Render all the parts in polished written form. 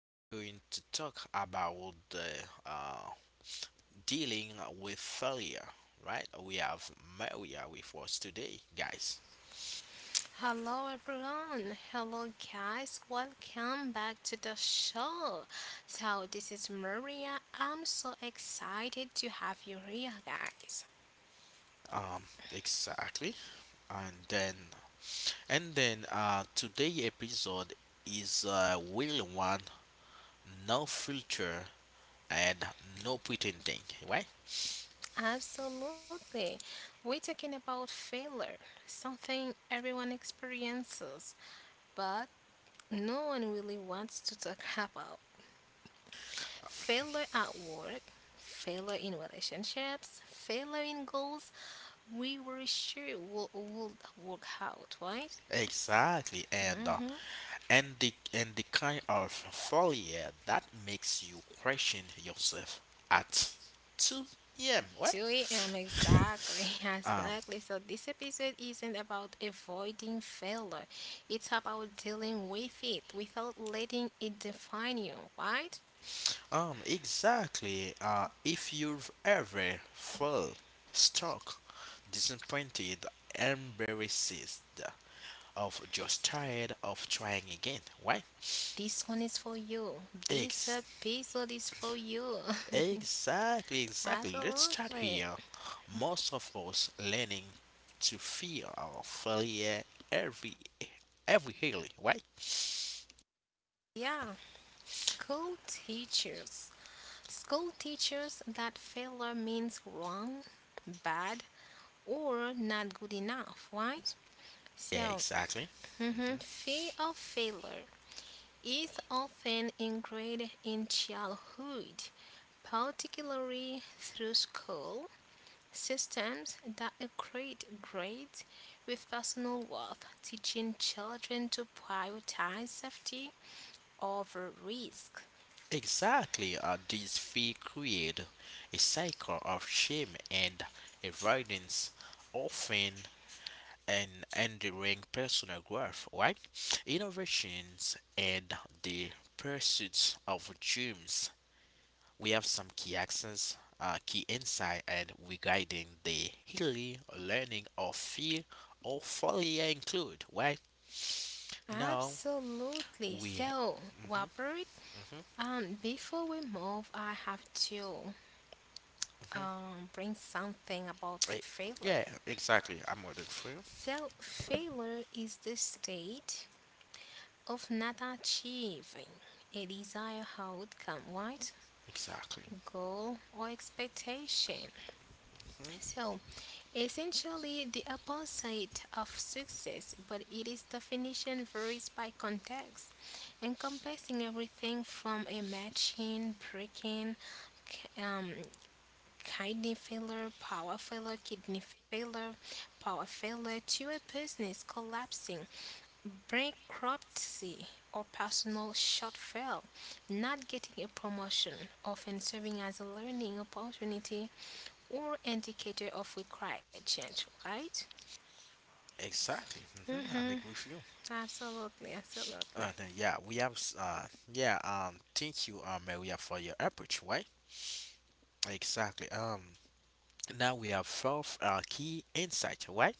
we are going to talk about the dealing with failure. Right? We have Maria with us today, guys. Hello everyone, hello guys, welcome back to the show. So, this is Maria. I'm so excited to have you here, guys. Um, exactly. And then, and then, today episode is will one no filter and no pretending. Right? Absolutely. We're talking about failure, something everyone experiences, but no one really wants to talk about. Failure at work, failure in relationships, failure in goals we were sure will work out, right? Exactly. And uh, hmm and the and the kind of failure that makes you question yourself at 2 a.m. What? 2 a.m. exactly, um, exactly. So this episode isn't about avoiding failure. It's about dealing with it without letting it define you, right? exactly. If you've ever felt stuck, disappointed, embarrassed, of just tired of trying again, why? This one is for you. This Ex episode is for you. Exactly, exactly. Let's start Absolutely. here. Most of us learning to fear our failure every every year, right? Yeah, school teachers. School teachers that failure means wrong, bad, or not good enough, right? Yeah, So, exactly. Hmm. mhm, Fear of failure is often ingrained in childhood, particularly through school systems that equate grades with personal worth, teaching children to prioritize safety over risk. Exactly. This fear create a cycle of shame and avoidance, often and enduring personal growth, right? Innovations and the pursuits of dreams we have some key accents, key insight, and regarding the healing, learning, or fear or failure include, right? Now Absolutely. we. So, Hmm. Robert, Hmm. Before we move, I have to bring something about Hmm. failure. Yeah, exactly. I'm ordering for you. So, failure is the state of not achieving a desired outcome, right? Exactly. Goal or expectation. Hmm. So, essentially the opposite of success, but it is definition varies by context, encompassing everything from a matching, breaking, k- um, kidney failure, power failure, kidney failure, power failure to a business collapsing bankruptcy or personal shortfall, not getting a promotion, often serving as a learning opportunity or indicator of required change, right? Exactly. Hmm. I Mm-hmm. agree with you. Absolutely, absolutely. And yeah, yeah. Thank you, Maria, for your approach. Right. Exactly. Now we have fourth key insight. Right.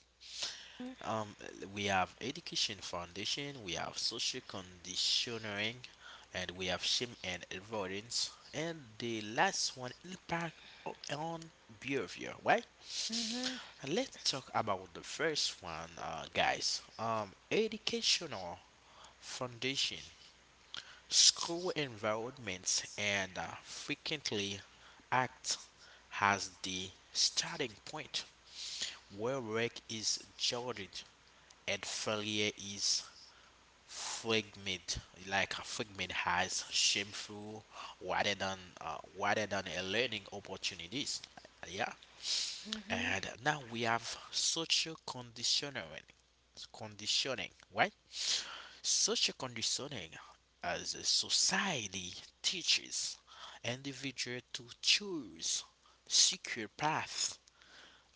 Um, we have education foundation, we have social conditioning, and we have shame and avoidance. And the last one, impact on behavior, right? Mm-hmm. And let's talk about the first one, guys. Educational foundation, school environments, and frequently act as the starting point where work is judged and failure is fragment, like a fragment has shameful rather than a learning opportunities. Yeah, and now we have social conditioning, right? Social conditioning as a society teaches individual to choose secure paths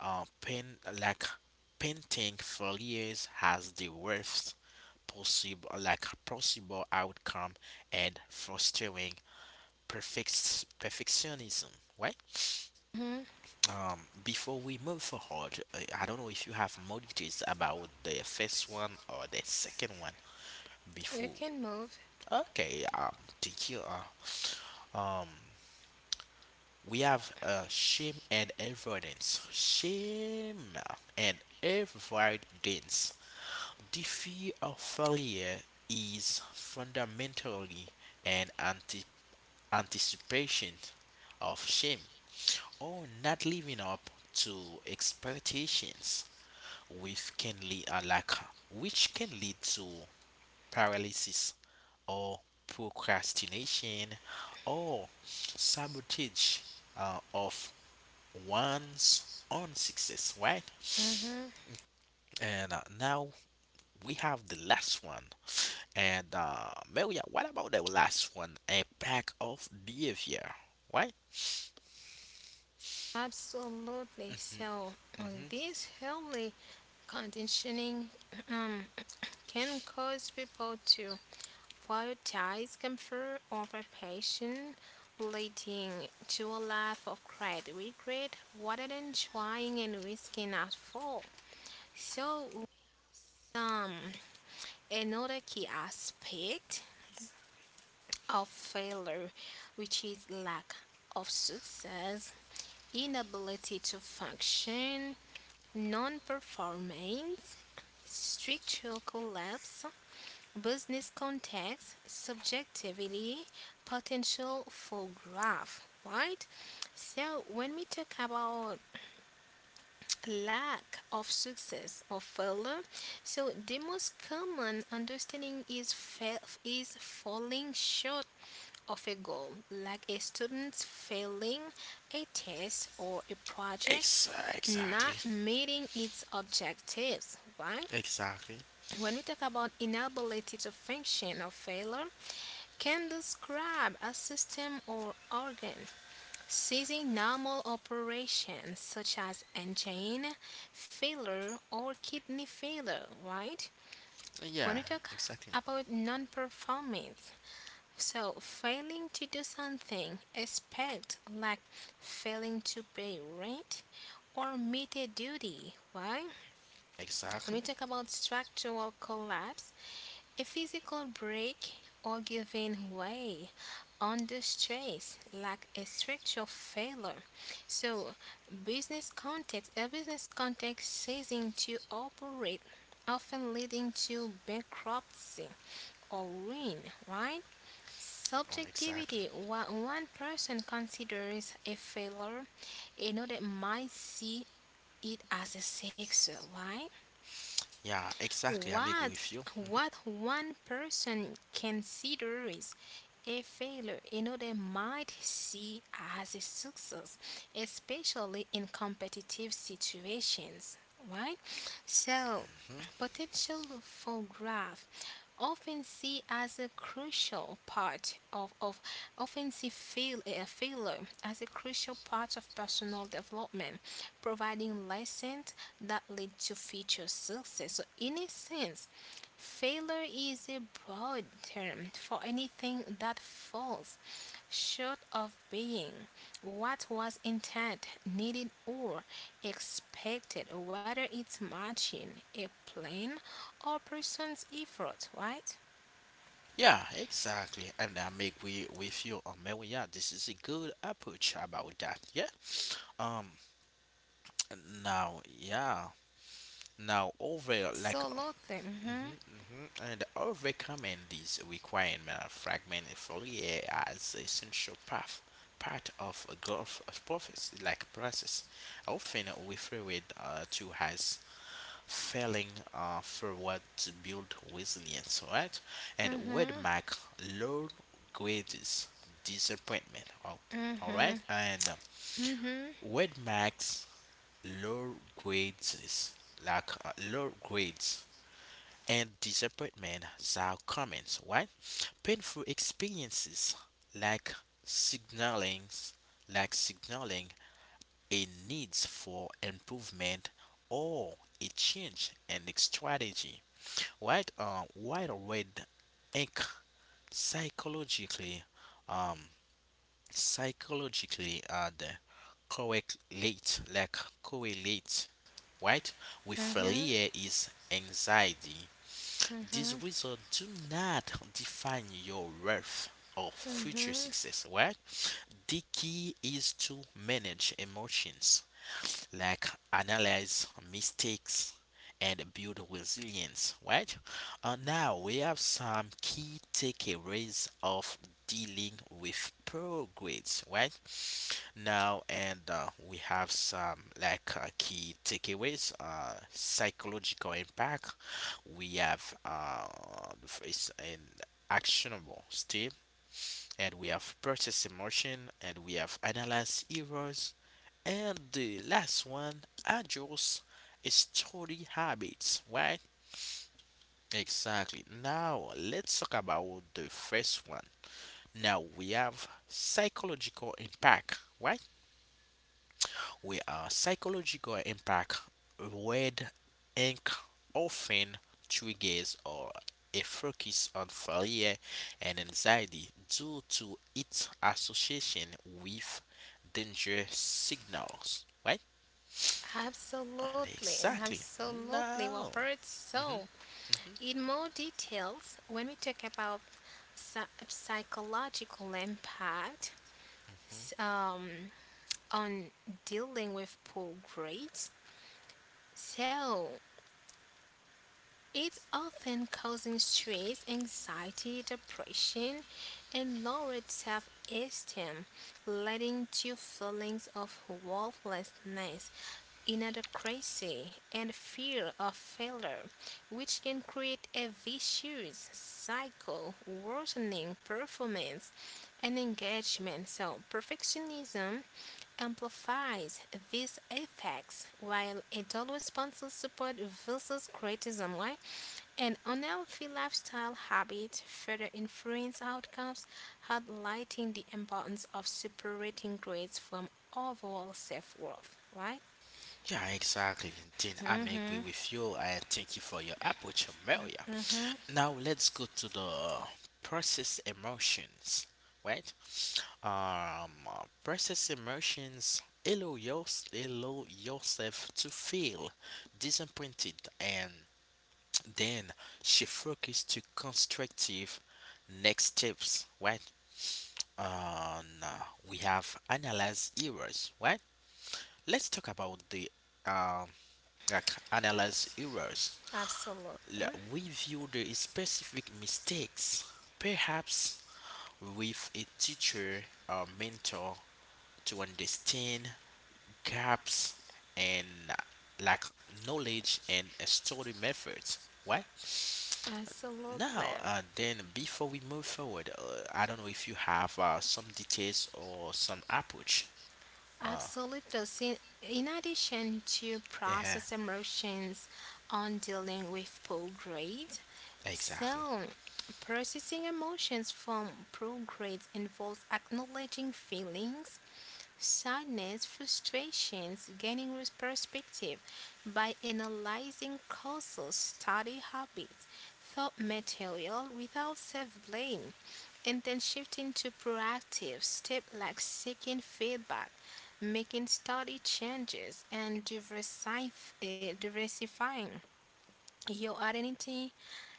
uh, pain like painting for years has the worst possible outcome and fostering perfectionism, right? hmm before we move forward, I don't know if you have more details about the first one or the second one You before can move. okay. Thank you, um we have Shame and avoidance. The fear of failure is fundamentally an anticipation of shame or not living up to expectations, with can lead a lack, which can lead to paralysis or procrastination or sabotage of one's own success, right? Mm-hmm. And now we have the last one. And Maria, what about the last one? A pack of behavior, right? Absolutely. So Mm-hmm. this healthy conditioning um can cause people to prioritize comfort over passion, leading to a life of great regret rather than trying and risking at fall. So, um, another key aspect of failure, which is lack of success, inability to function, non performance, structural collapse, business context, subjectivity, potential for growth, right? So when we talk about lack of success or failure, so the most common understanding is is falling short of a goal, like a student failing a test or a project Ex- not exactly. meeting its objectives, right? Exactly. When we talk about inability to function or failure, can describe a system or organ ceasing normal operations such as engine failure or kidney failure, right? When Yeah, we talk exactly. about non performance, so failing to do something, expect like failing to pay rent or meet a duty, right? When we Exactly. talk about structural collapse, a physical break or giving way under stress, like a structural failure. So, a business context ceasing to operate, often leading to bankruptcy or ruin, right? Exactly. Subjectivity, what one person considers a failure, another might see it as a success. Why? Yeah, exactly. I'm agree What with you. One person considers a failure, another might see as a success, especially in competitive situations, right? So, Hmm. potential for growth often see as a crucial part of a failure as a crucial part of personal development, providing lessons that lead to future success. So, in a sense, failure is a broad term for anything that falls short of being what was intended, needed, or expected, whether it's matching a plan or person's effort, right? Yeah, exactly. And I'm agree with you, Maria. This is a good approach about that. Yeah. Um. Now, yeah. Now over like Absolutely. Mhm. hmm And overcoming these requirement of fragment folia as essential path part of a growth process, often referred to as failing forward to build resilience, right? And would Mhm. mark low grades disappointment, all right? Mhm. And Mhm. would marks low grades, low grades and disappointment are common, right? Painful experiences like signaling signaling a need for improvement or a change in the strategy. Right. White red ink, psychologically. um the correlate like correlate, right, with Mhm. failure is anxiety. These Mhm. results do not define your worth or future Mhm. success, right? The key is to manage emotions, like analyze mistakes and build resilience, right? Now we have some key takeaways of dealing with poor grades, right? Now, and we have some key takeaways, psychological impact. We have the first and actionable step, and we have process emotion, and we have analyze errors, and the last one adjust study habits, right? Exactly. Now let's talk about the first one. Now we have psychological impact, right? With a psychological impact, red ink often triggers or a focus on failure and anxiety due to its association with danger signals, right? Absolutely, Exactly. absolutely, No. Robert. Hmm. So, Hmm. in more details, when we talk about psychological impact s- um, on dealing with poor grades, so it's often causing stress, anxiety, depression, and lowered self esteem, leading to feelings of worthlessness inadequacy, and fear of failure, which can create a vicious cycle, worsening performance and engagement. So, perfectionism amplifies these effects while adult responses support versus criticism. Why? An unhealthy lifestyle habit further influence outcomes, highlighting the importance of separating grades from overall self worth, right? Yeah, exactly. Then I may hmm agree with you and thank you for your approach, Amelia. Now let's go to the process emotions, right? Process emotions, allow yourself to feel disappointed and then she focused to constructive next steps, right? Nah, we have analyze errors, right? Let's talk about the um, analyze errors. Absolutely. Review the specific mistakes, perhaps with a teacher or mentor to understand gaps and like knowledge and study methods. Right. Absolutely. Now, then before we move forward, I don't know if you have some details or some approach. Uh, Absolutely. So in addition to yeah, process emotions on dealing with poor grade, exactly. so processing emotions from poor grades involves acknowledging feelings, sadness, frustrations, gaining perspective by analyzing causal study habits, thought material without self blame, and then shifting to proactive step like seeking feedback, making study changes, and diversifying your identity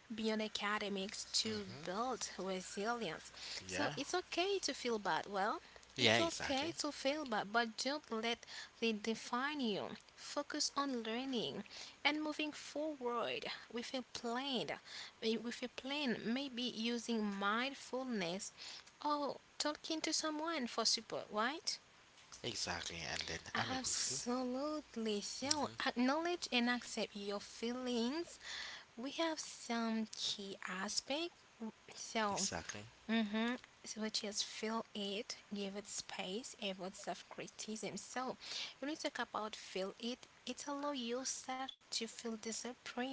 beyond academics to Hmm. build resilience. So Yeah, it's okay to feel bad. It's yeah, okay exactly, to feel bad, but don't let they define you. Focus on learning and moving forward with a plan. With a plan, maybe using mindfulness or talking to someone for support, right? exactly. And then I'm agree with you. Absolutely. So Hmm. acknowledge and accept your feelings we have some key aspect. w- So, Exactly. hmm so which is fill it, give it space, avoid self-criticism. So, when we talk about fill it, it allow yourself to feel disappointed,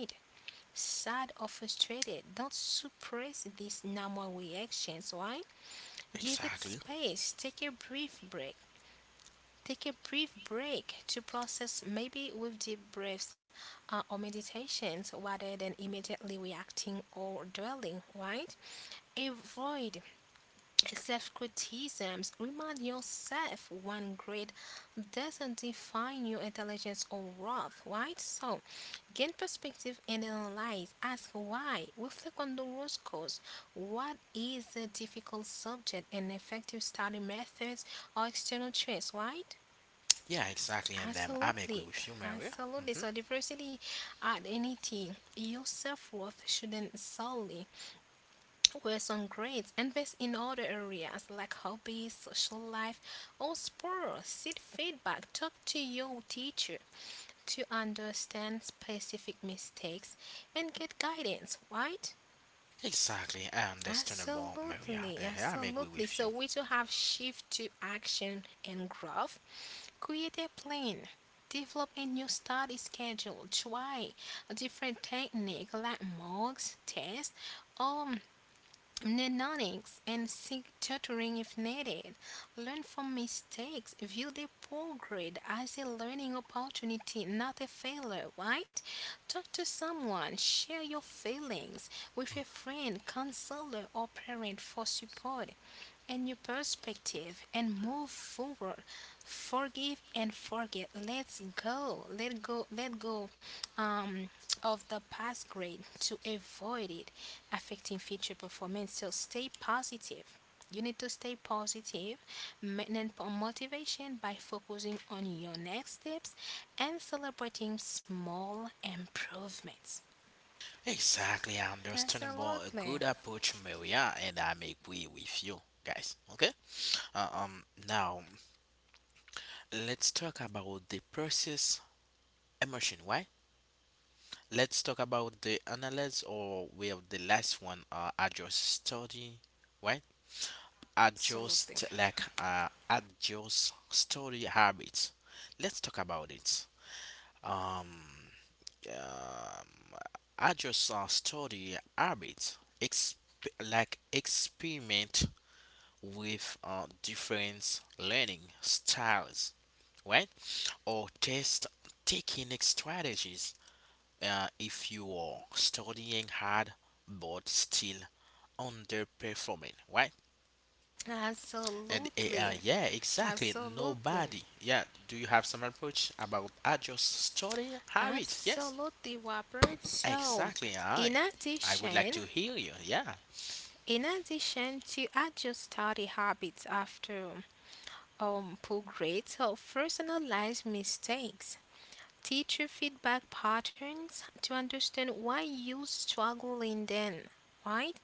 sad, or frustrated. Don't suppress these normal reactions. Why? Give it Exactly. space. Take a brief break to process, maybe with deep breaths or meditations, rather than immediately reacting or dwelling, right? Avoid self criticisms. Remind yourself one grade doesn't define your intelligence or worth, right? So, gain perspective and analyze. Ask why. Reflect on the root cause. What is a difficult subject and effective study methods or external traits, right? Yeah, exactly. And then I'm agree Absolutely, with you, Maria. absolutely. Hmm. So diversity identity, your self worth shouldn't solely rest on grades. Invest in other areas like hobbies, social life, or sports. Seek feedback. Talk to your teacher to understand specific mistakes and get guidance, right? Exactly. I understandable, Maria. Absolutely, I'm agree absolutely. with you. So we to have shift to action and growth. Create a plan. Develop a new study schedule. Try a different technique like mocks, tests, or mnemonics and seek tutoring if needed. Learn from mistakes. View the progress as a learning opportunity, not a failure, right? Talk to someone. Share your feelings with a friend, counselor, or parent for support a new perspective and move forward. Forgive and forget. Let's go. Let go. Let go um, of the past grade to avoid it affecting future performance. So stay positive. You need to stay positive, maintain motivation by focusing on your next steps and celebrating small improvements. Exactly, I about a Absolutely. good approach, Maria, and I make way with you guys. Okay. Now let's talk about the process emotion. Why? Let's talk about the analysis or well the last one. Adjust study. Right? Adjust study habits. Let's talk about it. Um. Um, I just study habits, experiment with different learning styles, right? Or test technique strategies. If you are studying hard but still underperforming, right? And Absolutely. yeah, exactly. Absolutely. Nobody. Yeah. Do you have some approach about adjust study habits? Yes. Absolutely, Robert. So, Exactly. I in I would like addition, to hear you. Yeah. To adjust study habits after poor grades, or personalized mistakes, teacher feedback patterns to understand why you struggle in them, right?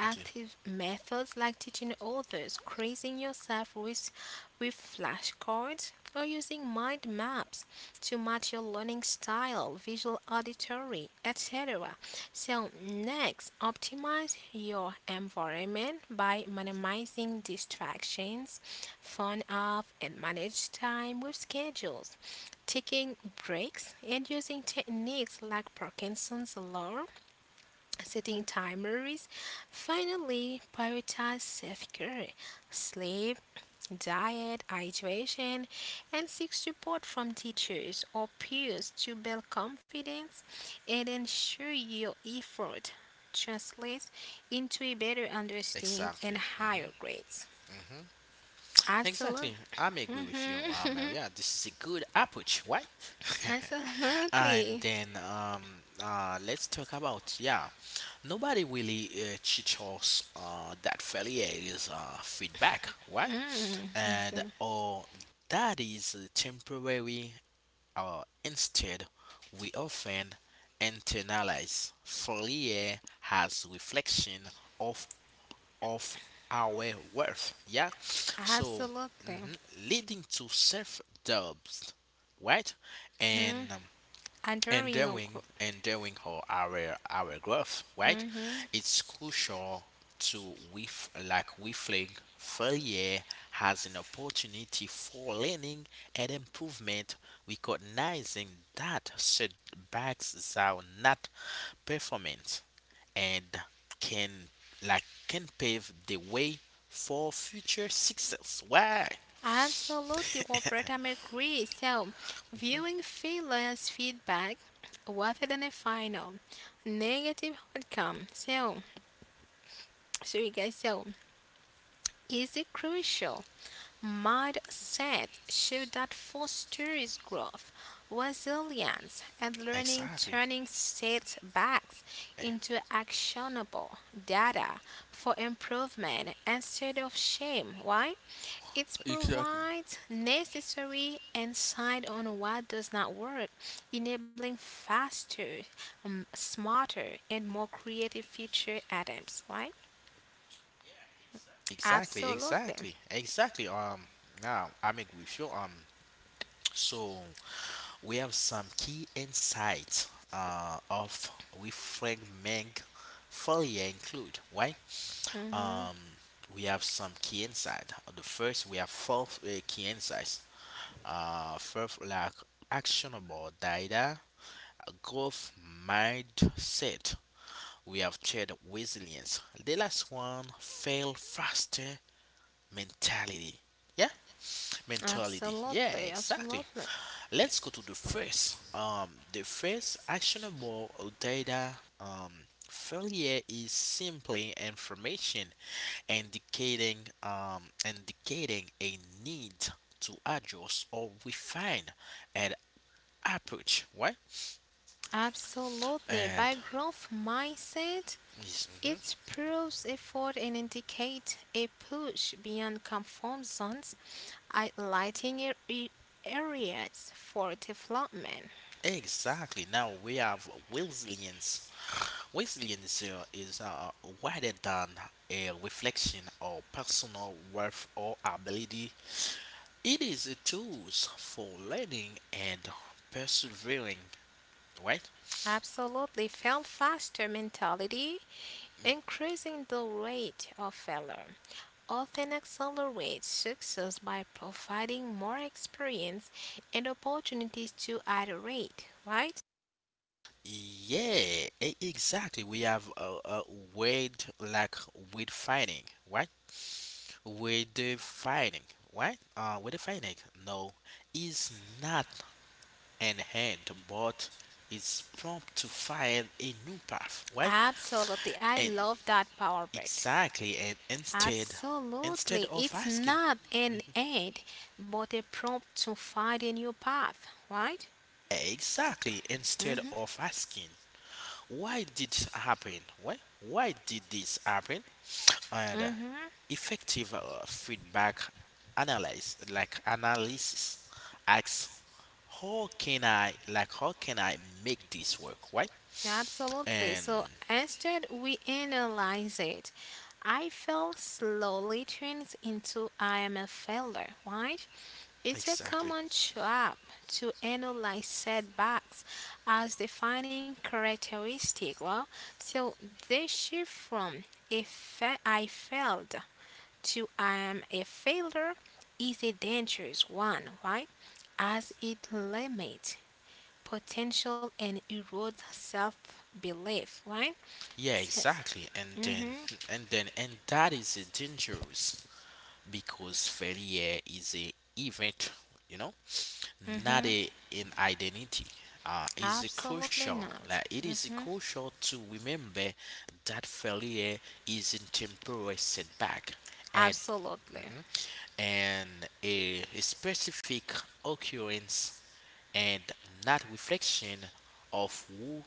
Exactly. methods like teaching others, crazing yourself with flashcards, or using mind maps to match your learning style, visual auditory, etc. So, next, optimize your environment by minimizing distractions, phone off, and manage time with schedules taking breaks, and using techniques like Parkinson's alarm, setting timers. Finally, prioritize self care, sleep, diet, hydration, and seek support from teachers or peers to build confidence and ensure your effort translates into a better understanding and Exactly. Mhm. higher grades. Mhm. Absolutely. Exactly. I'm agree with you, hmm Maria. This is a good approach, right? and Absolutely. then um uh let's talk about, yeah. Nobody really teach us that failure is feedback, right? Mm. And Absolutely. or that is temporary. Instead, we often internalize failure as reflection of of our worth. Yeah, so Absolutely. mhm, leading to self doubts, right? hmm And um, and Adoring your during group. and during our growth, right? hmm It's crucial to we flag failure as an opportunity for learning and improvement, recognizing that setbacks are not performance and can can pave the way for future success. Why? Absolutely, Roberta, I agree. So, Mhm, viewing failure as feedback rather than a final negative outcome. So, so you guys, so is a crucial mindset show that fosters growth, resilience, and learning, exactly. turning setbacks Eh, into actionable data for improvement instead of shame. Why? It exactly. provides necessary insight on what does not work, enabling faster, smarter, and more creative future attempts, right? Exactly, Absolutely. exactly, exactly. Now I'm agree with you. So we have some key insights. Of with Frank reframing Fourier include, right. Mhm. Um, we have some key insight. The first we have four key insights. First like actionable data, growth mindset. We have third resilience. The last one fail faster mentality. Yeah? Mentality. Yeah, Absolutely, exactly. absolutely. Let's go to the first. The first actionable data. Failure is simply information indicating indicating a need to adjust or refine an approach. Right? Absolutely. And By growth mindset, yes, mhm. it proves effort and indicates a push beyond comfort zones, highlighting areas for development. Exactly. Now we have resilience. Resilience is wider than a reflection of personal worth or ability. It is a tool for learning and persevering, right? Absolutely. Fail faster mentality, increasing the rate of failure. Often accelerates success by providing more experience and opportunities to iterate, right? Yeah, exactly. We have a word like with finding," right? With the right? With the no, is not an end, but it's prompt to find a new path, right? Absolutely. I And love that power break. exactly, and instead, instead Absolutely. of It's asking. not an end, but a prompt to find a new path, right? Exactly. Instead hmm of asking, why did happen? Why did this happen? And Mm-hmm. effective feedback analyze, like analysis, asks, how can I make this work? Why? Absolutely. And So instead, we analyze it. I fell slowly turns into I am a failure, right? It's a exactly, common trap to analyze setbacks as defining characteristic. So they shift from if fa- I failed to I am a failure is a dangerous one, right? As it limits potential and erodes self-belief, right? yeah, So, exactly. Mhm, And that is dangerous because failure is a event, you know not mhm, an identity. Is a absolutely crucial, like not. it is Mhm, crucial to remember that failure is a temporary setback and absolutely. mhm, and a specific occurrence and not reflection of who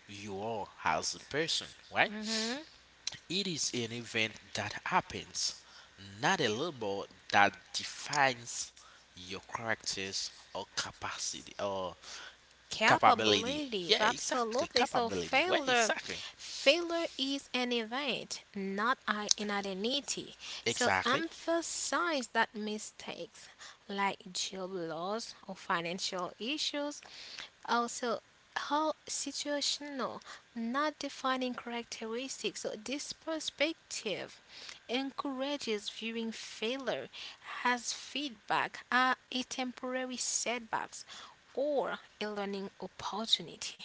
you are as a person, right? Mhm. It is an event that happens, not a label that defines your characters or capacity or capability. Yeah, Capabilities exactly. absolutely so Capability. Well, failure exactly, failure is an event, not I- an identity. So exactly. emphasize that mistakes like job loss or financial issues also, how situational, not defining characteristics. So this perspective encourages viewing failure as feedback, are a temporary setbacks, or a learning opportunity.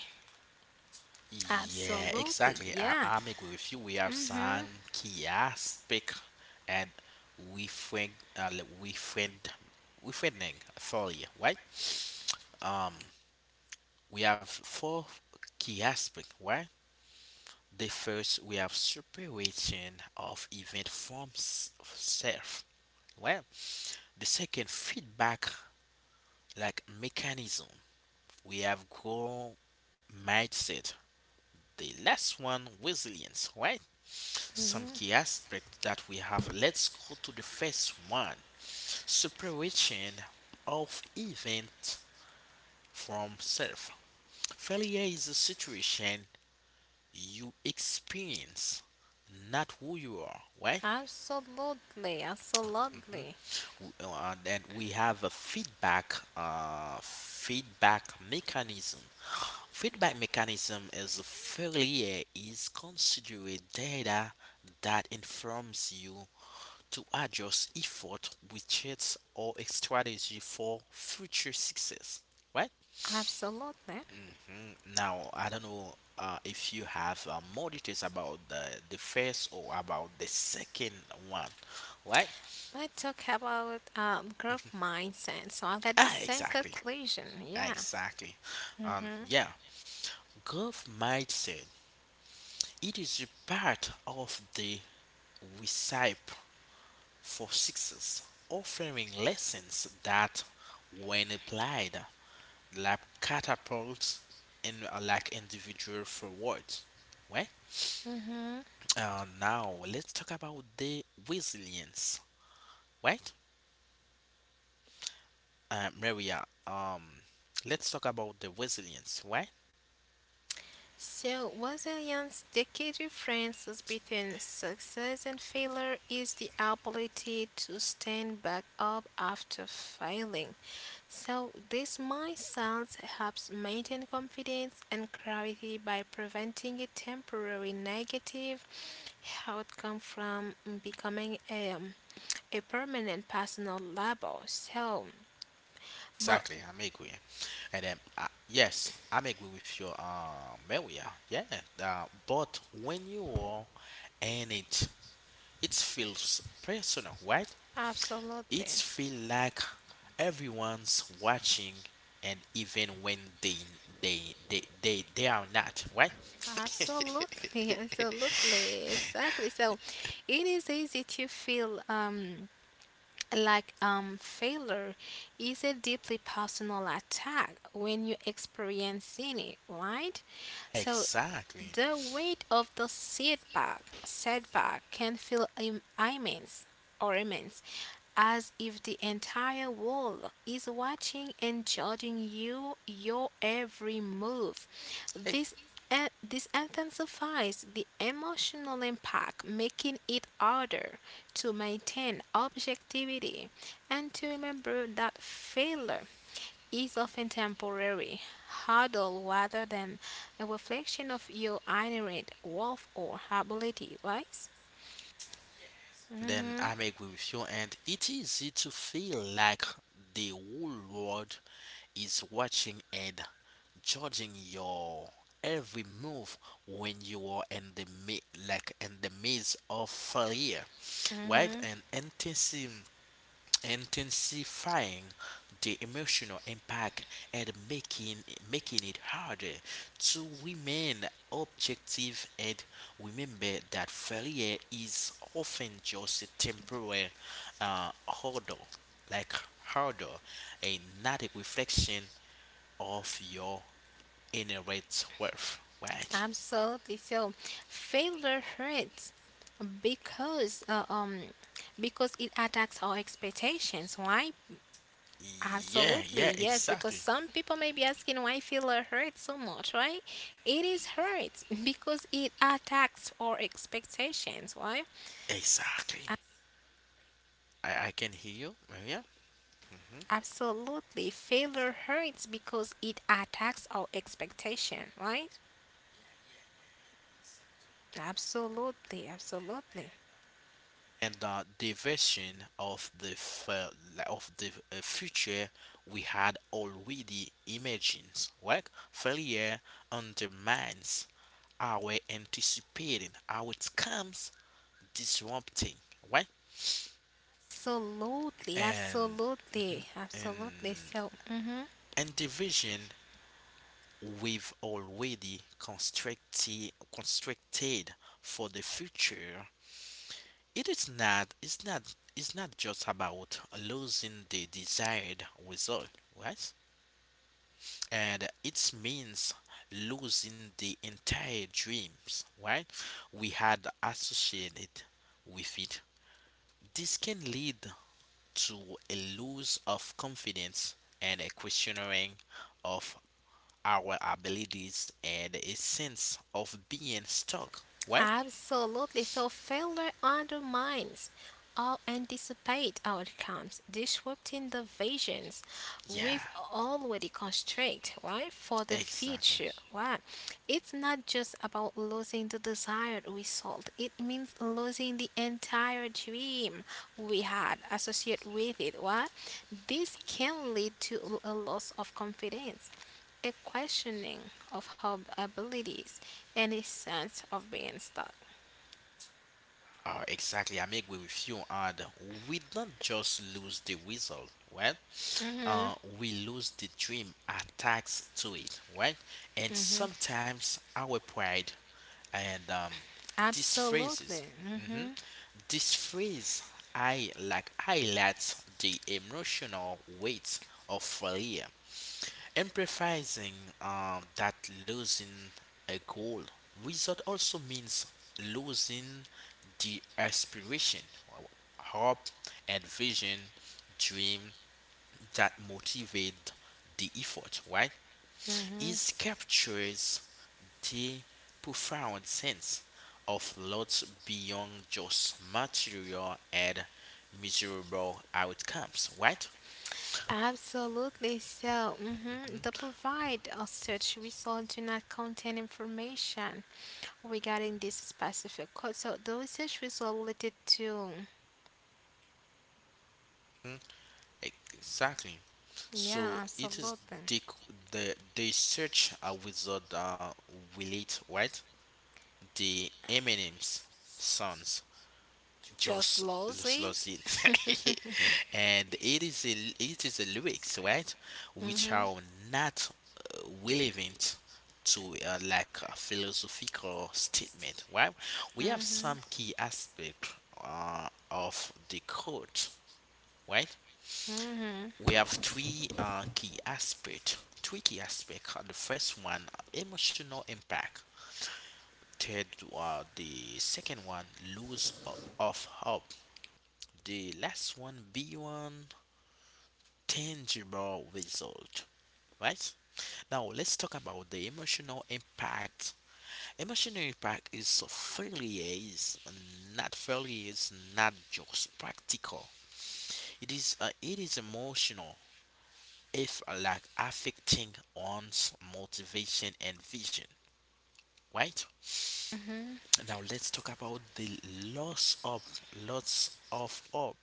Yeah, Absolutely, exactly. I, yeah. i'm agree with you. We have Mhm. some key aspect, and we friend we friending thoroughly, right? um we have four key aspect, right? The first we have separation of event from self. Well, the second feedback mechanism. We have goal mindset. The last one resilience, right? Some Mhm. key aspects that we have. Let's go to the first one, separation of event from self. Failure is a situation you experience, not who you are, right? Absolutely, absolutely, And we have a feedback mechanism. Feedback mechanism is a failure is considered data that informs you to adjust effort, widgets, or a strategy for future success. Right? absolutely. Hmm. Now I don't know if you have more details about the first or about the second one, right? Let's talk about growth mindset. So I've got the Ah, same exactly. conclusion. Yeah. Exactly. Mhm, Yeah, growth mindset. It is a part of the recipe for success, offering lessons that, when applied, catapults in individual forwards. Right. mhm. Now let's talk about the resilience. Right. Maria. Let's talk about the resilience. Right. So, Wazilian's decade differences between success and failure is the ability to stand back up after failing. So, this mindset helps maintain confidence and clarity by preventing a temporary negative outcome from becoming a permanent personal label. So, but Exactly. I'm agree. And then, yes, I'm agree with you, Maria. Yeah, but when you are in it, it feels personal, right? It absolutely. feel like everyone's watching, and even when they are not, right? Absolutely, absolutely, exactly. So it is easy to feel like failure is a deeply personal attack when you experience it, right? So Exactly. the weight of the setback can feel immense or immense as if the entire world is watching and judging you, your every move. Ex- This this intensifies the emotional impact, making it harder to maintain objectivity and to remember that failure is often temporary, hurdle rather than a reflection of your inherent worth or ability, right? Then Mm-hmm. I'm agree with you, and it is easy to feel like the whole world is watching and judging your every move when you are like in the midst of failure, right? Mm-hmm. And intensifying the emotional impact and making it harder to remain objective and remember that failure is often just a temporary uh, hurdle, like hurdle, and not a reflection of your in a rate's worth, right? Absolutely. So failure hurts because uh, um because it attacks our expectations. Why? Yeah, Absolutely. yeah, Yes, because exactly. some people may be asking why failure hurts so much, right? It is hurt because it attacks our expectations. Why? Exactly. I can hear you, Maria. Hmm. Absolutely. Failure hurts because it attacks our expectation, right? Absolutely. Absolutely. And the division of of the future we had already imagined, right? Failure undermines our anticipating outcomes, disrupting, right? Absolutely, And absolutely, absolutely. and So, and division. We've already constructed for the future. It is not it's not just about losing the desired result, right, and it means losing the entire dreams, right, we had associated with it. This can lead to a loss of confidence and a questioning of our abilities and a sense of being stuck. What? absolutely. So, failure undermines all anticipated outcomes, disrupting the visions Yeah, we've already constructed, right, for the exactly. future. Right? It's not just about losing the desired result, it means losing the entire dream we had associated with it. What? This can lead to a loss of confidence, a questioning of her abilities, and a sense of being stuck. Exactly. I make way with you, and we don't just lose the result. Well, we lose the dream attached to it, right? And sometimes our pride and these Absolutely. phrases, mm-hmm, this phrase, I like highlights the emotional weight of failure. Emphasizing that losing a goal result also means losing the aspiration, hope, and vision, dream that motivate the effort, right? hmm It captures the profound sense of lots beyond just material and measurable outcomes, right? Absolutely. So, Mhm. the provide or search results do not contain information regarding this specific code. So, those search results related to, Mm, exactly. So yeah, it is absolutely. The they search a wizard will it right? The Eminem's sons just Just lost lousy. it, and it is a lyrics, right? Which hmm are not relevant to like a philosophical statement, right? We hmm have some key aspect of the code, right? hmm We have three key aspect. The first one, emotional impact. Third, the second one, of hope. The last one, beyond tangible result. Right. Now let's talk about the emotional impact. Emotional impact is not fairly is not just practical. It is emotional. If like affecting one's motivation and vision, right? hmm Now let's talk about the loss of lots of hope.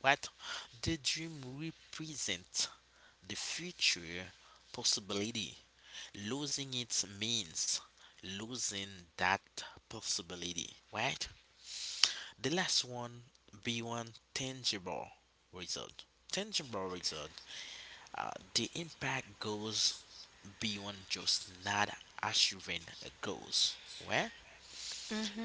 What the dream represents the future possibility. Losing it means losing that possibility, right? The last one, be one tangible result. Tangible result, uh, the impact goes beyond just not achieving goals. Where? hmm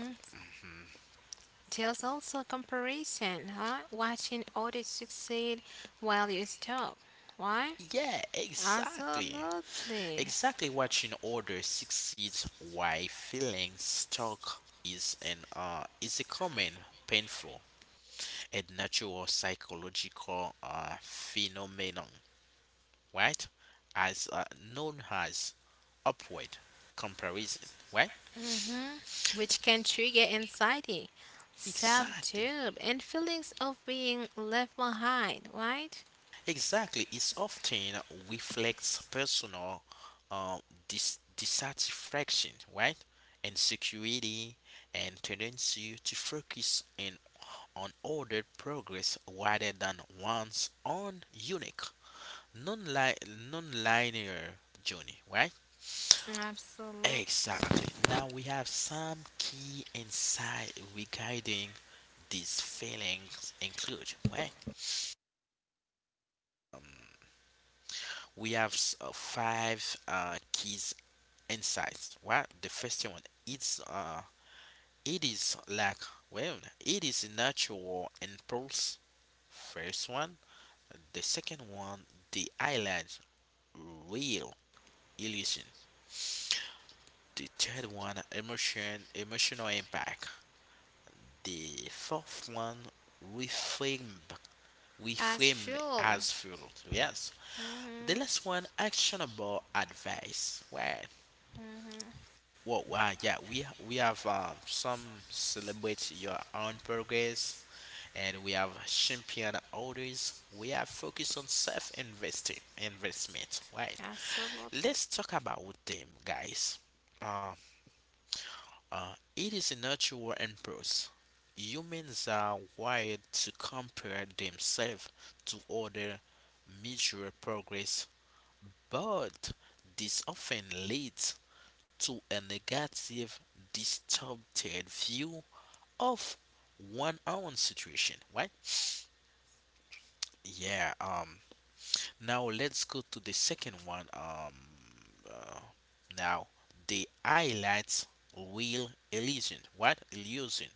There's also a comparison, huh? Watching others succeed while you stop. Why? Yeah, exactly. Absolutely. Exactly, watching others succeed while feeling stuck is an is a common painful and natural psychological phenomenon, right? As known as upward comparison, right? Which can trigger anxiety, self Exactly. doubt, and feelings of being left behind, right? Exactly, it often reflects personal uh, dissatisfaction, right? Insecurity and tendency to focus in on ordered progress rather than one's own unique, non-li- non-linear journey, right? Absolutely. Exactly. Now we have some key insight regarding these feelings include, right? We have five keys insights. What the first one? It's it is like well, it is a natural impulse. First one, the second one, the highlights real illusion. The third one, emotional impact. The fourth one, reframe, As reframe fuel. as fuel. Yes. hmm The last one, actionable advice. Well, well, yeah, we have some celebrate your own progress, and we have champion others. We are focused on self investing investment, right? Absolutely. Let's talk about them, guys. Uh, it is a natural impulse. Humans are wired to compare themselves to other measure progress, but this often leads to a negative, distorted view of one own situation, right? Yeah. Now let's go to the second one. Uh, now the highlights real illusion. What illusion?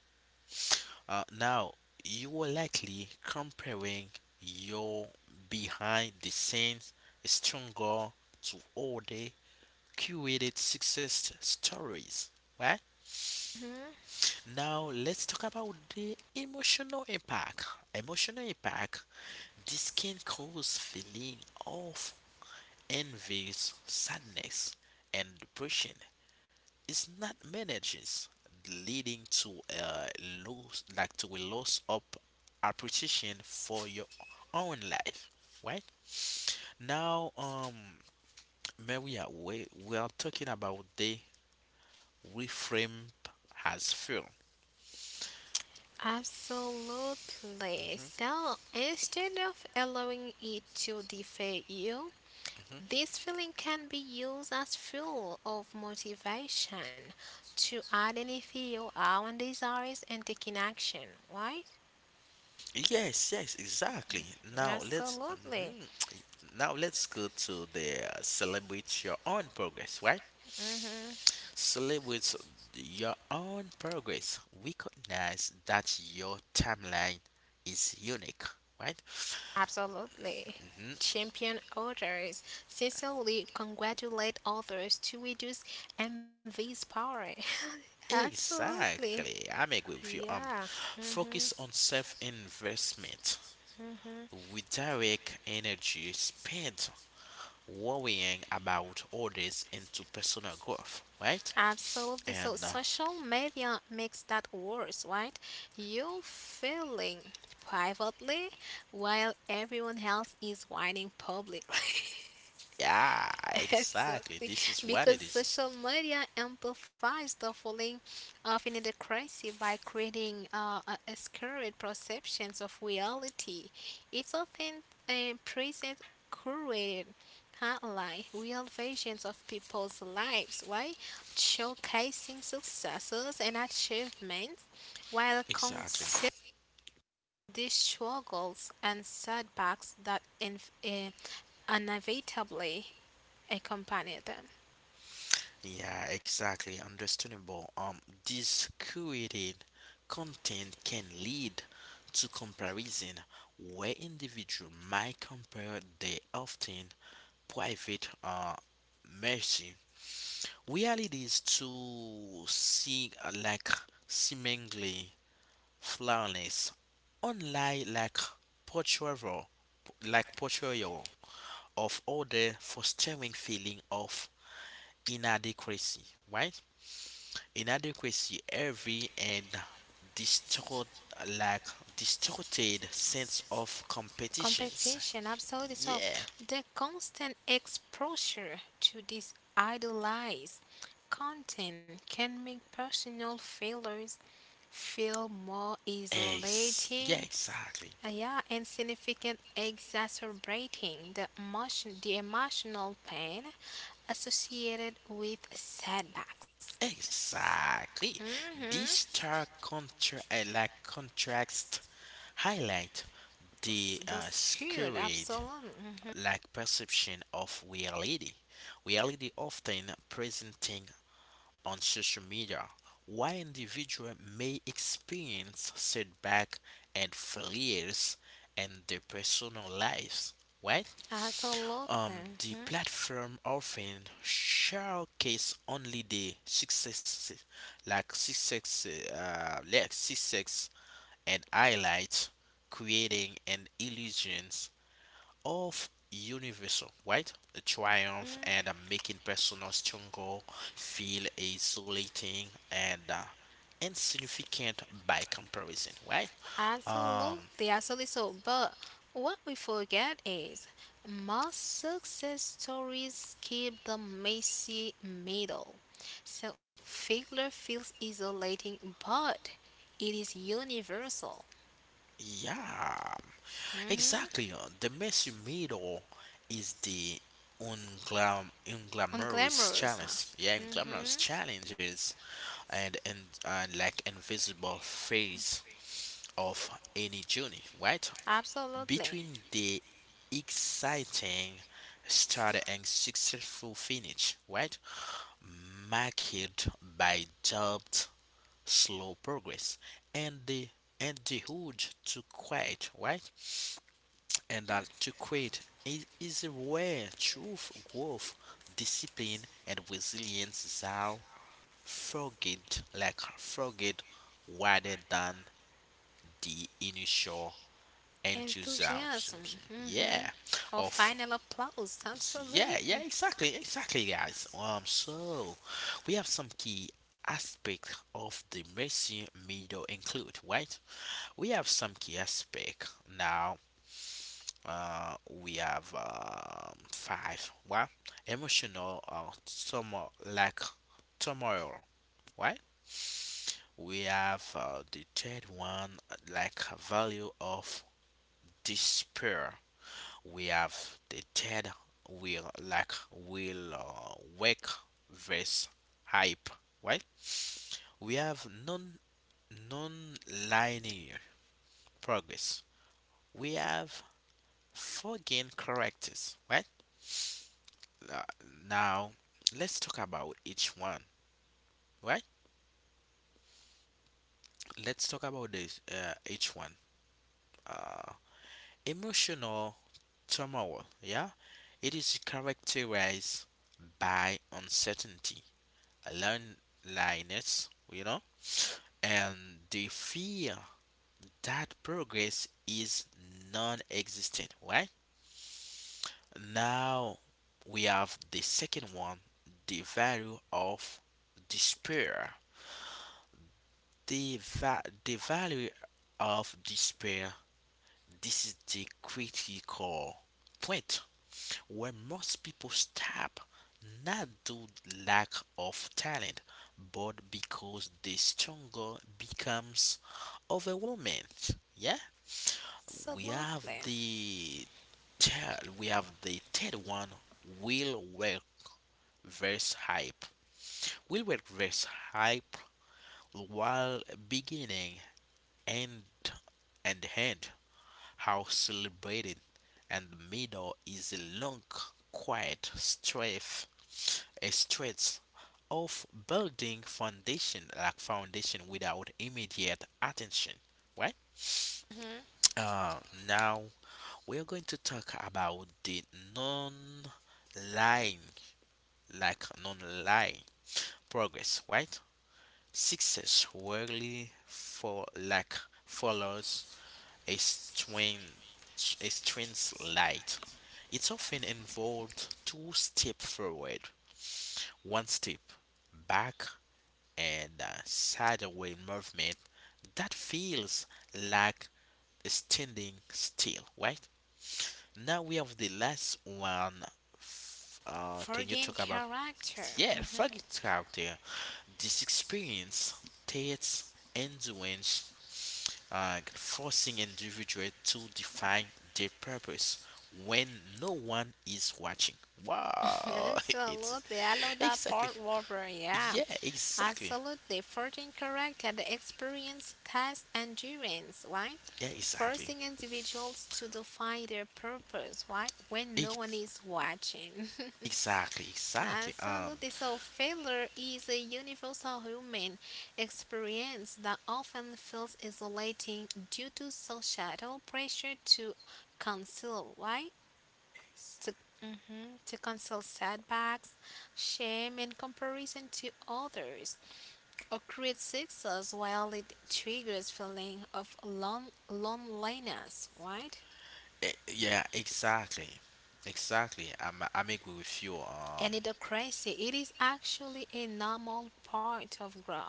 Now you are likely comparing your behind the scenes stronger to all the curated success stories, right? hmm Now let's talk about the emotional impact. Emotional impact. This can cause feeling of envy, sadness, and depression. It's not managed, leading to a loss of appreciation for your own life. Right now, Maria, we are talking about the reframe as fear. Absolutely. So instead of allowing it to defeat you, this feeling can be used as fuel of motivation to identify your own desires and taking action, right? Yes, yes, exactly. Now let's Absolutely. mhm. Now let's go to the celebrate your own progress, right? hmm Celebrate your own progress. Recognize that your timeline is unique, right? Absolutely. Hmm. Champion others. Sincerely congratulate others to reduce envy's power. Absolutely. Exactly. I'm agree with you. Yeah. Focus hmm on self investment. Redirect energy spent worrying about others into personal growth, right? Absolutely. So And social media makes that worse, right? You feeling privately while everyone else is whining publicly. yeah, exactly. Exactly, This is what because it is. social media amplifies the feeling of inadequacy by creating a skewed perceptions of reality. It's often a present curated highlight real versions of people's lives, right? Showcasing successes and achievements while Exactly. concealing these struggles and setbacks that inevitably accompany them. Yeah, exactly. Understandable. This curated content can lead to comparison where individual might compare their often private mercy realities to see like seemingly flawless, unlike portrayal, like portrayal of order fostering feeling of inadequacy, right? Inadequacy, every and distort like distorted sense of competitions. Competition, absolutely. So Yeah. the constant exposure to this idolized content can make personal failures feel more Yeah, isolating. exactly. Yeah, and significant exacerbating the emotional pain associated with setbacks. Exactly. This Mm-hmm. stark contrast highlight the Those cured, scurried absolutely. Mhm. like perception of reality. Reality often presenting on social media, why individual may experience setback and failures in their personal lives. Right? Absolutely. The Mm-hmm. platform often showcase only the success, like success, like success, and highlights creating an illusion of universal, right? The triumph and making personal struggle feel isolating and insignificant by comparison, right? Um, Absolutely, absolutely. So, but what we forget is most success stories keep the messy middle. So, failure feels isolating, but it is universal. yeah, Mm-hmm. exactly. Uh, the messy middle is the unglamorous Unglamorous. challenge. Yeah, Mm-hmm. unglamorous challenges and like invisible phase of any journey, right? Absolutely. Between the exciting start and successful finish, right? Marked by jobbed slow progress and the urge to quit, right? And that to quit is where truth, growth, discipline, and resilience are forget rather than the initial enthusiasm. Enthusiasm. Mm-hmm. Yeah, Or of final applause. Yeah, yeah, Absolutely. exactly, exactly, guys. So we have some key aspect of the Messi middle include, right? We have some key aspect now. We have five. What emotional turmoil, right? We have the third one like value of despair. We have the third wheel like will work versus hype, right? We have non-linear progress. We have foreign characters, right? Uh, now let's talk about each one, right? let's talk about this each one uh, emotional turmoil, yeah, it is characterized by uncertainty, loneliness, you know, and the fear that progress is non existent, right? Now we have the second one, the value of despair. The value of despair, this is the critical point, where most people stop, not due lack of talent, but because the struggle becomes overwhelming, yeah. We have Absolutely. The third one, will work versus hype. Will work versus hype, while beginning and and end are celebrated, and the middle is a long, quiet stretch, a stretch of building foundation without immediate attention, right? Mm-hmm. Uh, now we're going to talk about the non-lying, non-lying progress, right? Success rarely for like follows a strange light. It's often involved two steps forward, one step back, and a sideways movement that feels like standing still, right? Now we have the last one. F- can you Forgetting talk about? character. Yeah, Mhm. forget character. This experience takes endurance, forcing individuals to define their purpose when no one is watching. Wow, it's Absolutely. I love that exactly, part, Robert. Yeah. yeah, exactly, Absolutely. Forging character, the experience, test, endurance, right? yeah, exactly, Forcing individuals to define their purpose, right? When no Ex- one is watching. exactly, exactly. Absolutely. So, failure is a universal human experience that often feels isolating due to societal pressure to conceal, right? To, mhm, to cancel setbacks, shame, and comparison to others, or create success while it triggers feeling of loneliness, right? Yeah, exactly, exactly. I'm agree with you. And in the crazy, it is actually a normal part of growth,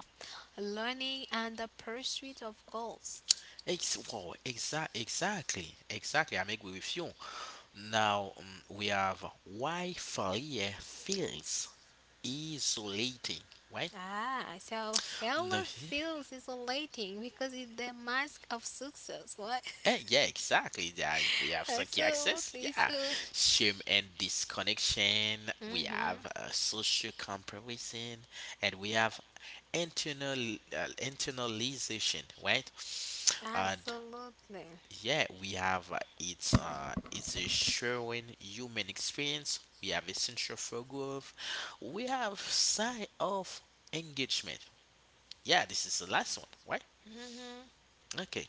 learning, and the pursuit of goals. Exactly, exactly. I'm agree with you. Now we have why failure feels isolating, right? Ah, so No, failure feels isolating because it's the mask of success. What? eh, yeah, exactly. Yeah, if we have psychic access. Absolutely. Yeah, So, shame and disconnection. We mhm. have social comparison, and we have internalization, right? And Absolutely. yeah, we have it's a sharing human experience. We have essential for growth. We have sign of engagement. Yeah, this is the last one, right? hmm Okay.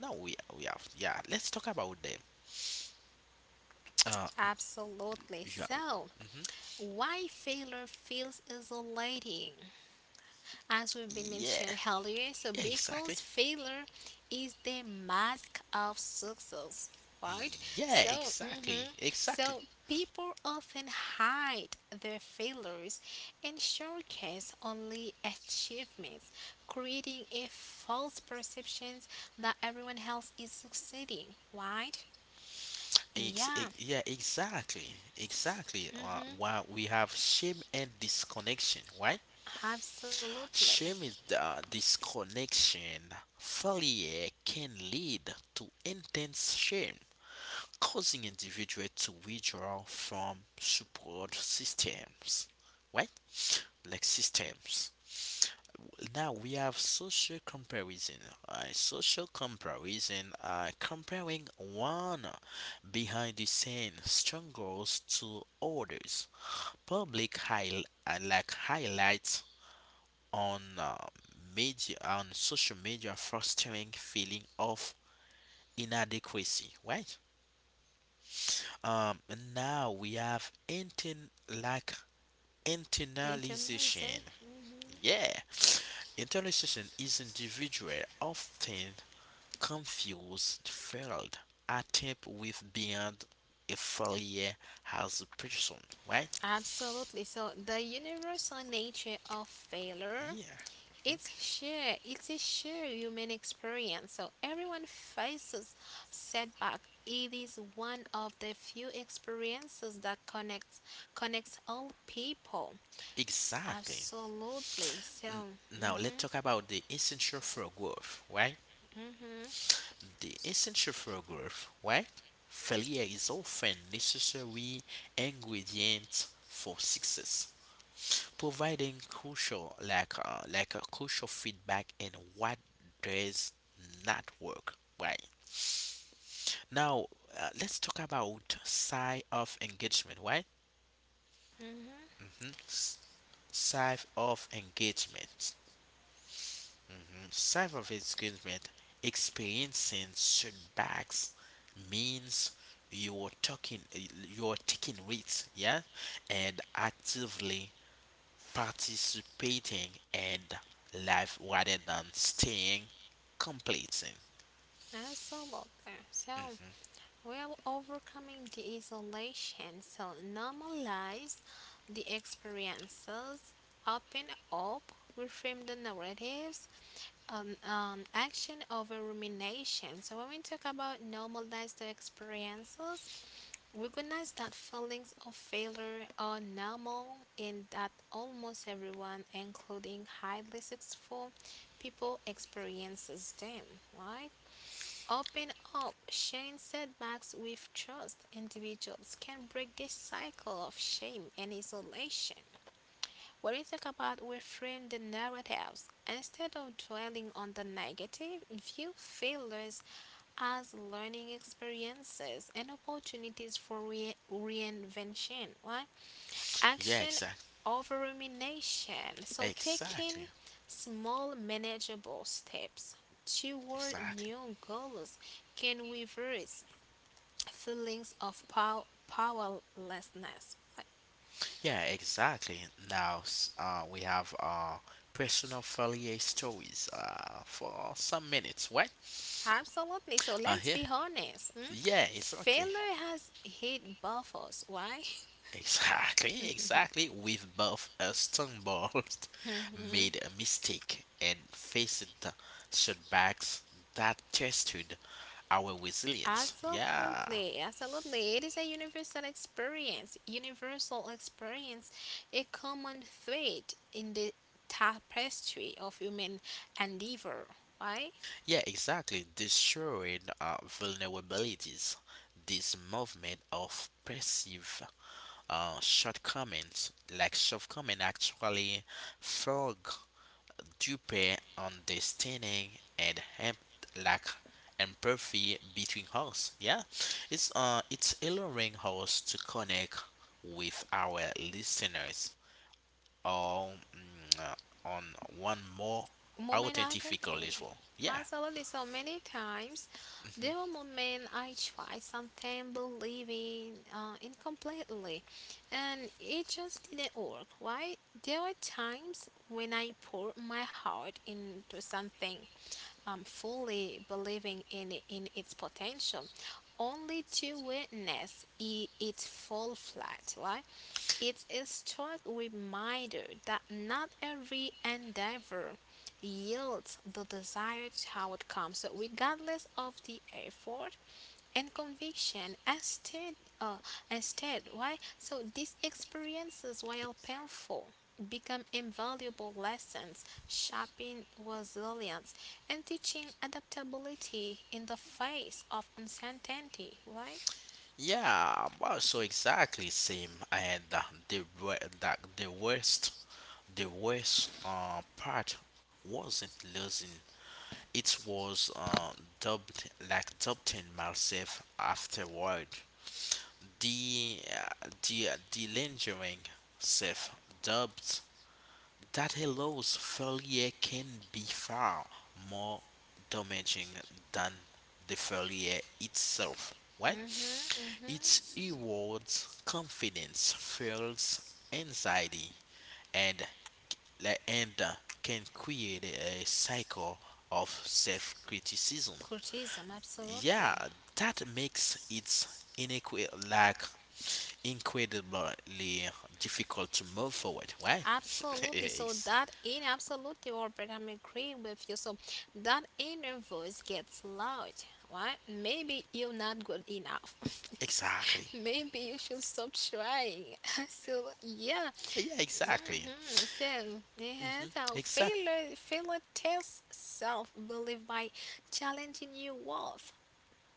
Now we have yeah. Let's talk about them. Absolutely. João. So, Mhm. why failure feels isolating? As we've been Yeah. mentioned earlier, so Yeah, exactly. because failure is the mask of success, right? Yeah, So, exactly. hmm Exactly. so people often hide their failures and showcase only achievements, creating a false perception that everyone else is succeeding, right? Yeah, Yeah, exactly. Exactly. Mm-hmm, While we have shame and disconnection, right? absolutely. Shame is the disconnection. Failure can lead to intense shame causing individuals to withdraw from support systems, right? Like systems. Now we have social comparison. Social comparison, comparing one behind the scene struggles to others. Public highlights on social media, fostering feeling of inadequacy, right? And now we have inten like internalization. Intimacy, Yeah, internalization is individual, often confused failed attempt with beyond a failure as a person, right? absolutely. So the universal nature of failure, Yeah, it's a shared human experience. So everyone faces setback. It is one of the few experiences that connects all people. S- exactly. Absolutely. So, N- Now let's mm-hmm, talk about the essential for growth, right? mm-hmm, The essential for growth, right? Failure is often necessary ingredient for success, providing crucial like crucial feedback in what does not work, right? Now let's talk about side of engagement, right? mm-hmm, Mm-hmm. Side of engagement. Mm-hmm. Side of engagement. Experiencing setbacks means you're talking you're taking risks, yeah, and actively participating in life rather than staying complacent. absolutely. So. While overcoming the isolation, so normalize the experiences, open up, reframe the narratives, action over rumination. So when we talk about normalize the experiences, recognize that feelings of failure are normal and that almost everyone, including highly successful people, experiences them, right? Open up, sharing setbacks with trust. Individuals can break this cycle of shame and isolation. When we talk about reframe the narratives, instead of dwelling on the negative, view failures as learning experiences and opportunities for reinvention. Why? Yeah, Action exactly. over rumination. So Exactly. taking small manageable steps toward Exactly. new goals can reverse feelings of powerlessness. Like, Yeah, exactly. Now we have personal failure stories for some minutes, right? absolutely. So let's Yeah. be honest. Mm? Yeah, exactly. Failure has hit both us. Why? Exactly, exactly. With both stumbles Mhm. made a mistake and faced the setbacks that tested our resilience. Yeah, Absolutely, absolutely. It is a universal experience. Universal experience, a common thread in the tapestry of human endeavor, right? yeah, exactly. Destroying vulnerabilities. This movement of perceived shortcoming, actually fog to deeper understanding and help like empathy between us. Yeah, it's allowing us to connect with our listeners um, mm, uh, on one more Moment after authentic thing. level. Yeah. As I already so many times, there were Mhm. moments I tried something believing in completely, and it just didn't work. Right? There were times when I poured my heart into something, fully believing in in its potential, only to witness it fall flat. Right? It's a strong reminder that not every endeavor yields the desired outcome. So, regardless of the effort and conviction, instead, why? So, these experiences, while painful, become invaluable lessons, shaping resilience and teaching adaptability in the face of uncertainty. Right? Yeah, well, so exactly same. And the the worst part wasn't losing. It was dubbed like Captain Marsef afterward. The lingering self dubbed that hellos failure can be far more damaging than the failure itself. Right? Mm-hmm, mm-hmm. It erodes confidence, fuels anxiety, and and uh, can create a cycle of self criticism. Criticism, absolutely, Yeah, that makes it inequi like incredibly difficult to move forward, right? absolutely. So Yes, that in absolutely, Robert, I'm agree with you. So that inner voice gets loud, right? Maybe you're not good enough. exactly. Maybe you should stop trying. So yeah, Yeah, exactly. So yeah, Mm-hmm. so Exact, failure tests self-belief by challenging your worth.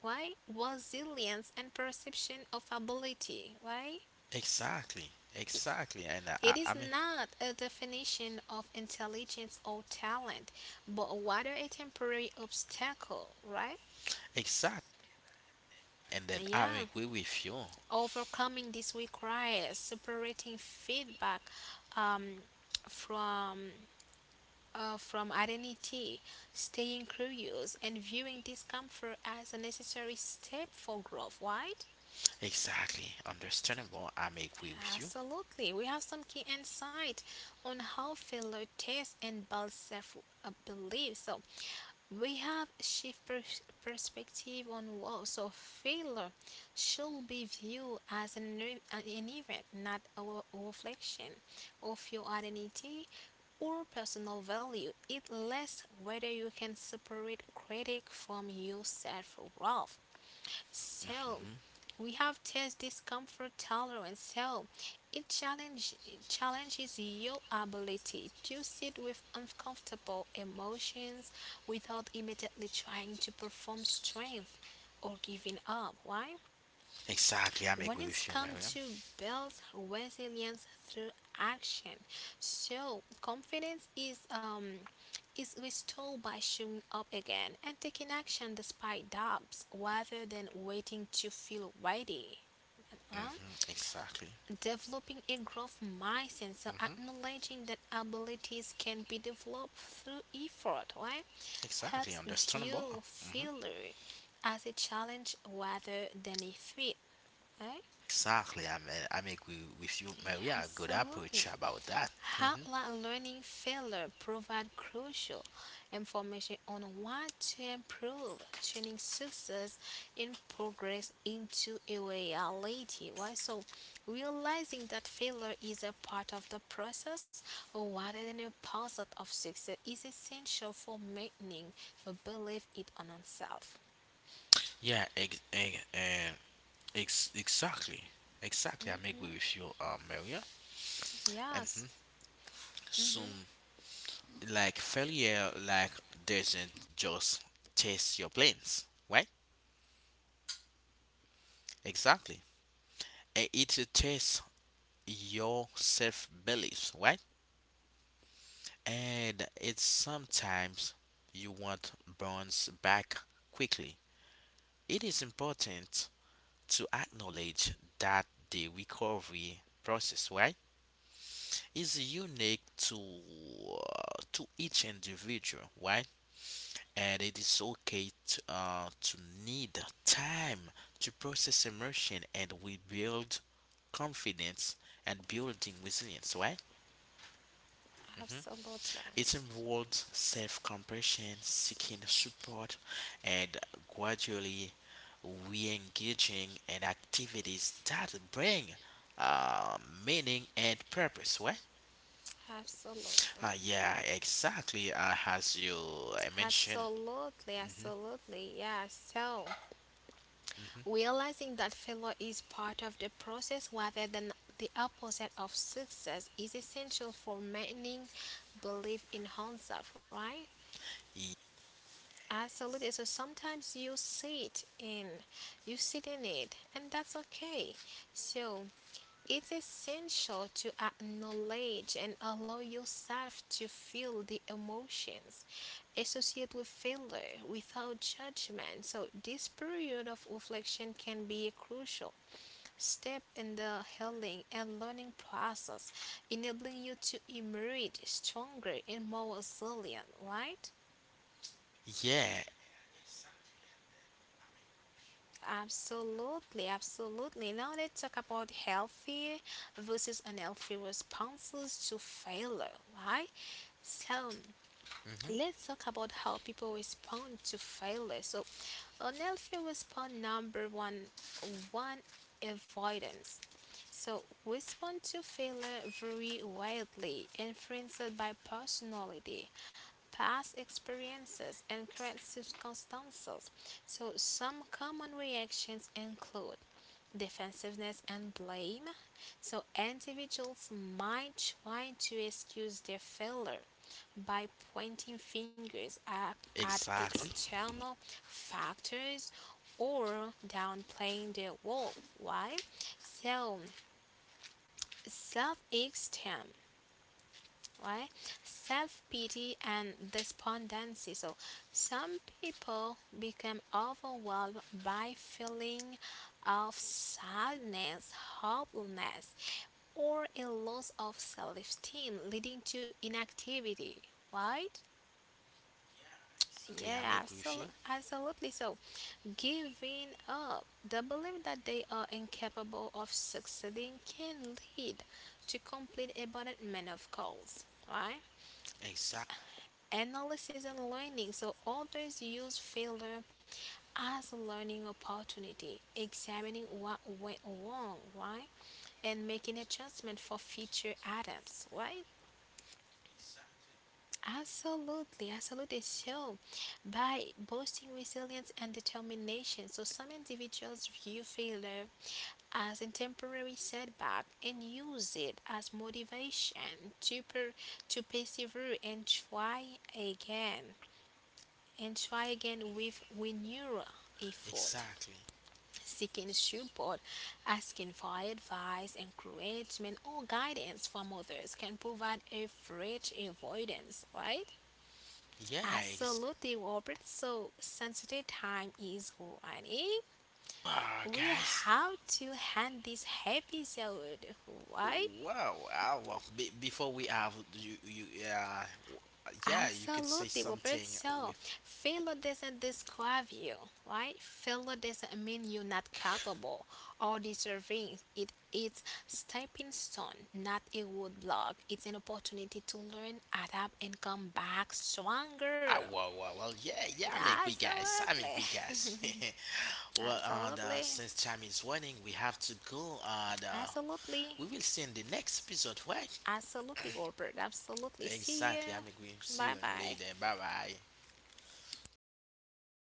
Why? Resilience and perception of ability. Why? exactly, exactly. And I, I It I is mean, not a definition of intelligence or talent, but rather a temporary obstacle, right? exact. And then I Yeah. agree with you. Overcoming this requires separating feedback um, from from identity, staying curious, and viewing discomfort as a necessary step for growth. Why? Exactly, understandable. I agree with you. Absolutely. We have some key insight on how failure tests and builds self belief. So we have shift perspective on what. So failure should be viewed as an, an event, not a reflection of your identity or personal value. It lists whether you can separate critic from your self worth. So Hmm. we have test discomfort tolerance. So it challenges your ability to sit with uncomfortable emotions without immediately trying to perform strength or giving up. Why? Exactly, I When agree it's with you, come Mariam. to build resilience through action, so confidence is restored by showing up again and taking action despite doubts rather than waiting to feel ready. Huh? Hmm. Exactly. Developing a growth mindset, so Mm-hmm. acknowledging that abilities can be developed through effort, right? Exactly, Helps understandable. view Hmm. failure as a challenge rather than a threat. Right? Exactly, I mean, I make we with you, Yeah, man. We have a good approach absolutely. about that. Hmm. Hotline learning failure provide crucial information on what to improve, turning success in progress into a reality. Why? So, realizing that failure is a part of the process rather than a part of success is essential for maintaining a belief in oneself. Yeah, exactly, exactly. I make we with you, Maria. Yes. Mm-hmm. So, like failure, like doesn't just test your plans, right? Exactly. Eh, it tests your self beliefs, right? And it's sometimes you want bounce back quickly. It is important to acknowledge that the recovery process, right, is unique to each individual, right? And it is okay to need time to process emotion and rebuild confidence and building resilience, right? Mhm. Absolutely. It involves self compassion, seeking support, and gradually re engaging in activities that bring uh, meaning and purpose, right? Absolutely. Yeah, exactly. As you mentioned. Absolutely. Hmm. Absolutely. Yeah. So, Hmm. realizing that failure is part of the process rather than the opposite of success is essential for maintaining belief in oneself, right? Absolutely. So sometimes you sit in it, and that's okay. So it's essential to acknowledge and allow yourself to feel the emotions associated with failure without judgment. So this period of reflection can be a crucial step in the healing and learning process, enabling you to emerge stronger and more resilient, right? Yeah, Absolutely, absolutely. Now let's talk about healthy versus unhealthy responses to failure, right? So hmm, let's talk about how people respond to failure. So unhealthy response number one, avoidance. So respond to failure very widely, influenced by personality, past experiences, and current circumstances. So, some common reactions include defensiveness and blame. So, individuals might try to excuse their failure by pointing fingers at exactly. external factors or downplaying their role. Why? So, self esteem, right? Self pity and despondency. So, some people become overwhelmed by feeling of sadness, hopelessness, or a loss of self esteem, leading to inactivity, right? Exactly, I'm Yeah, agree with you. absolutely, absolutely. So, giving up the belief that they are incapable of succeeding can lead to complete abandonment of goals, right? Exactly, Analysis, and learning. So authors use failure as a learning opportunity, examining what went wrong, right? And making adjustment for future attempts, right? Absolutely, absolutely. So, by boosting resilience and determination, so some individuals view failure as a temporary setback and use it as motivation to to persevere and try again with renewed effort. exactly. Seeking support, asking for advice, encouragement, or guidance from others can provide a fresh avoidance, right? Yeah, ex- Absolutely, Robert. So, sensitive time is running. wow, We guys. have to end this episode, right? Wow, wow. Well, before we have yeah, yeah, you could say Absolutely, Robert. something So, with. failure doesn't describe you, right? Failure doesn't mean you're not capable or deserving. It it's stepping stone, not a roadblock. It's an opportunity to learn, adapt, and come back Ah, stronger. well, well, well, yeah, yeah, I'm angry, guys. I make Absolutely, we guys. Well, and absolutely, since time is running, we have to go, and absolutely, we will see in the next episode, right? absolutely, Robert. Absolutely. See Exactly, I make we you. see Bye you bye. later. Bye bye.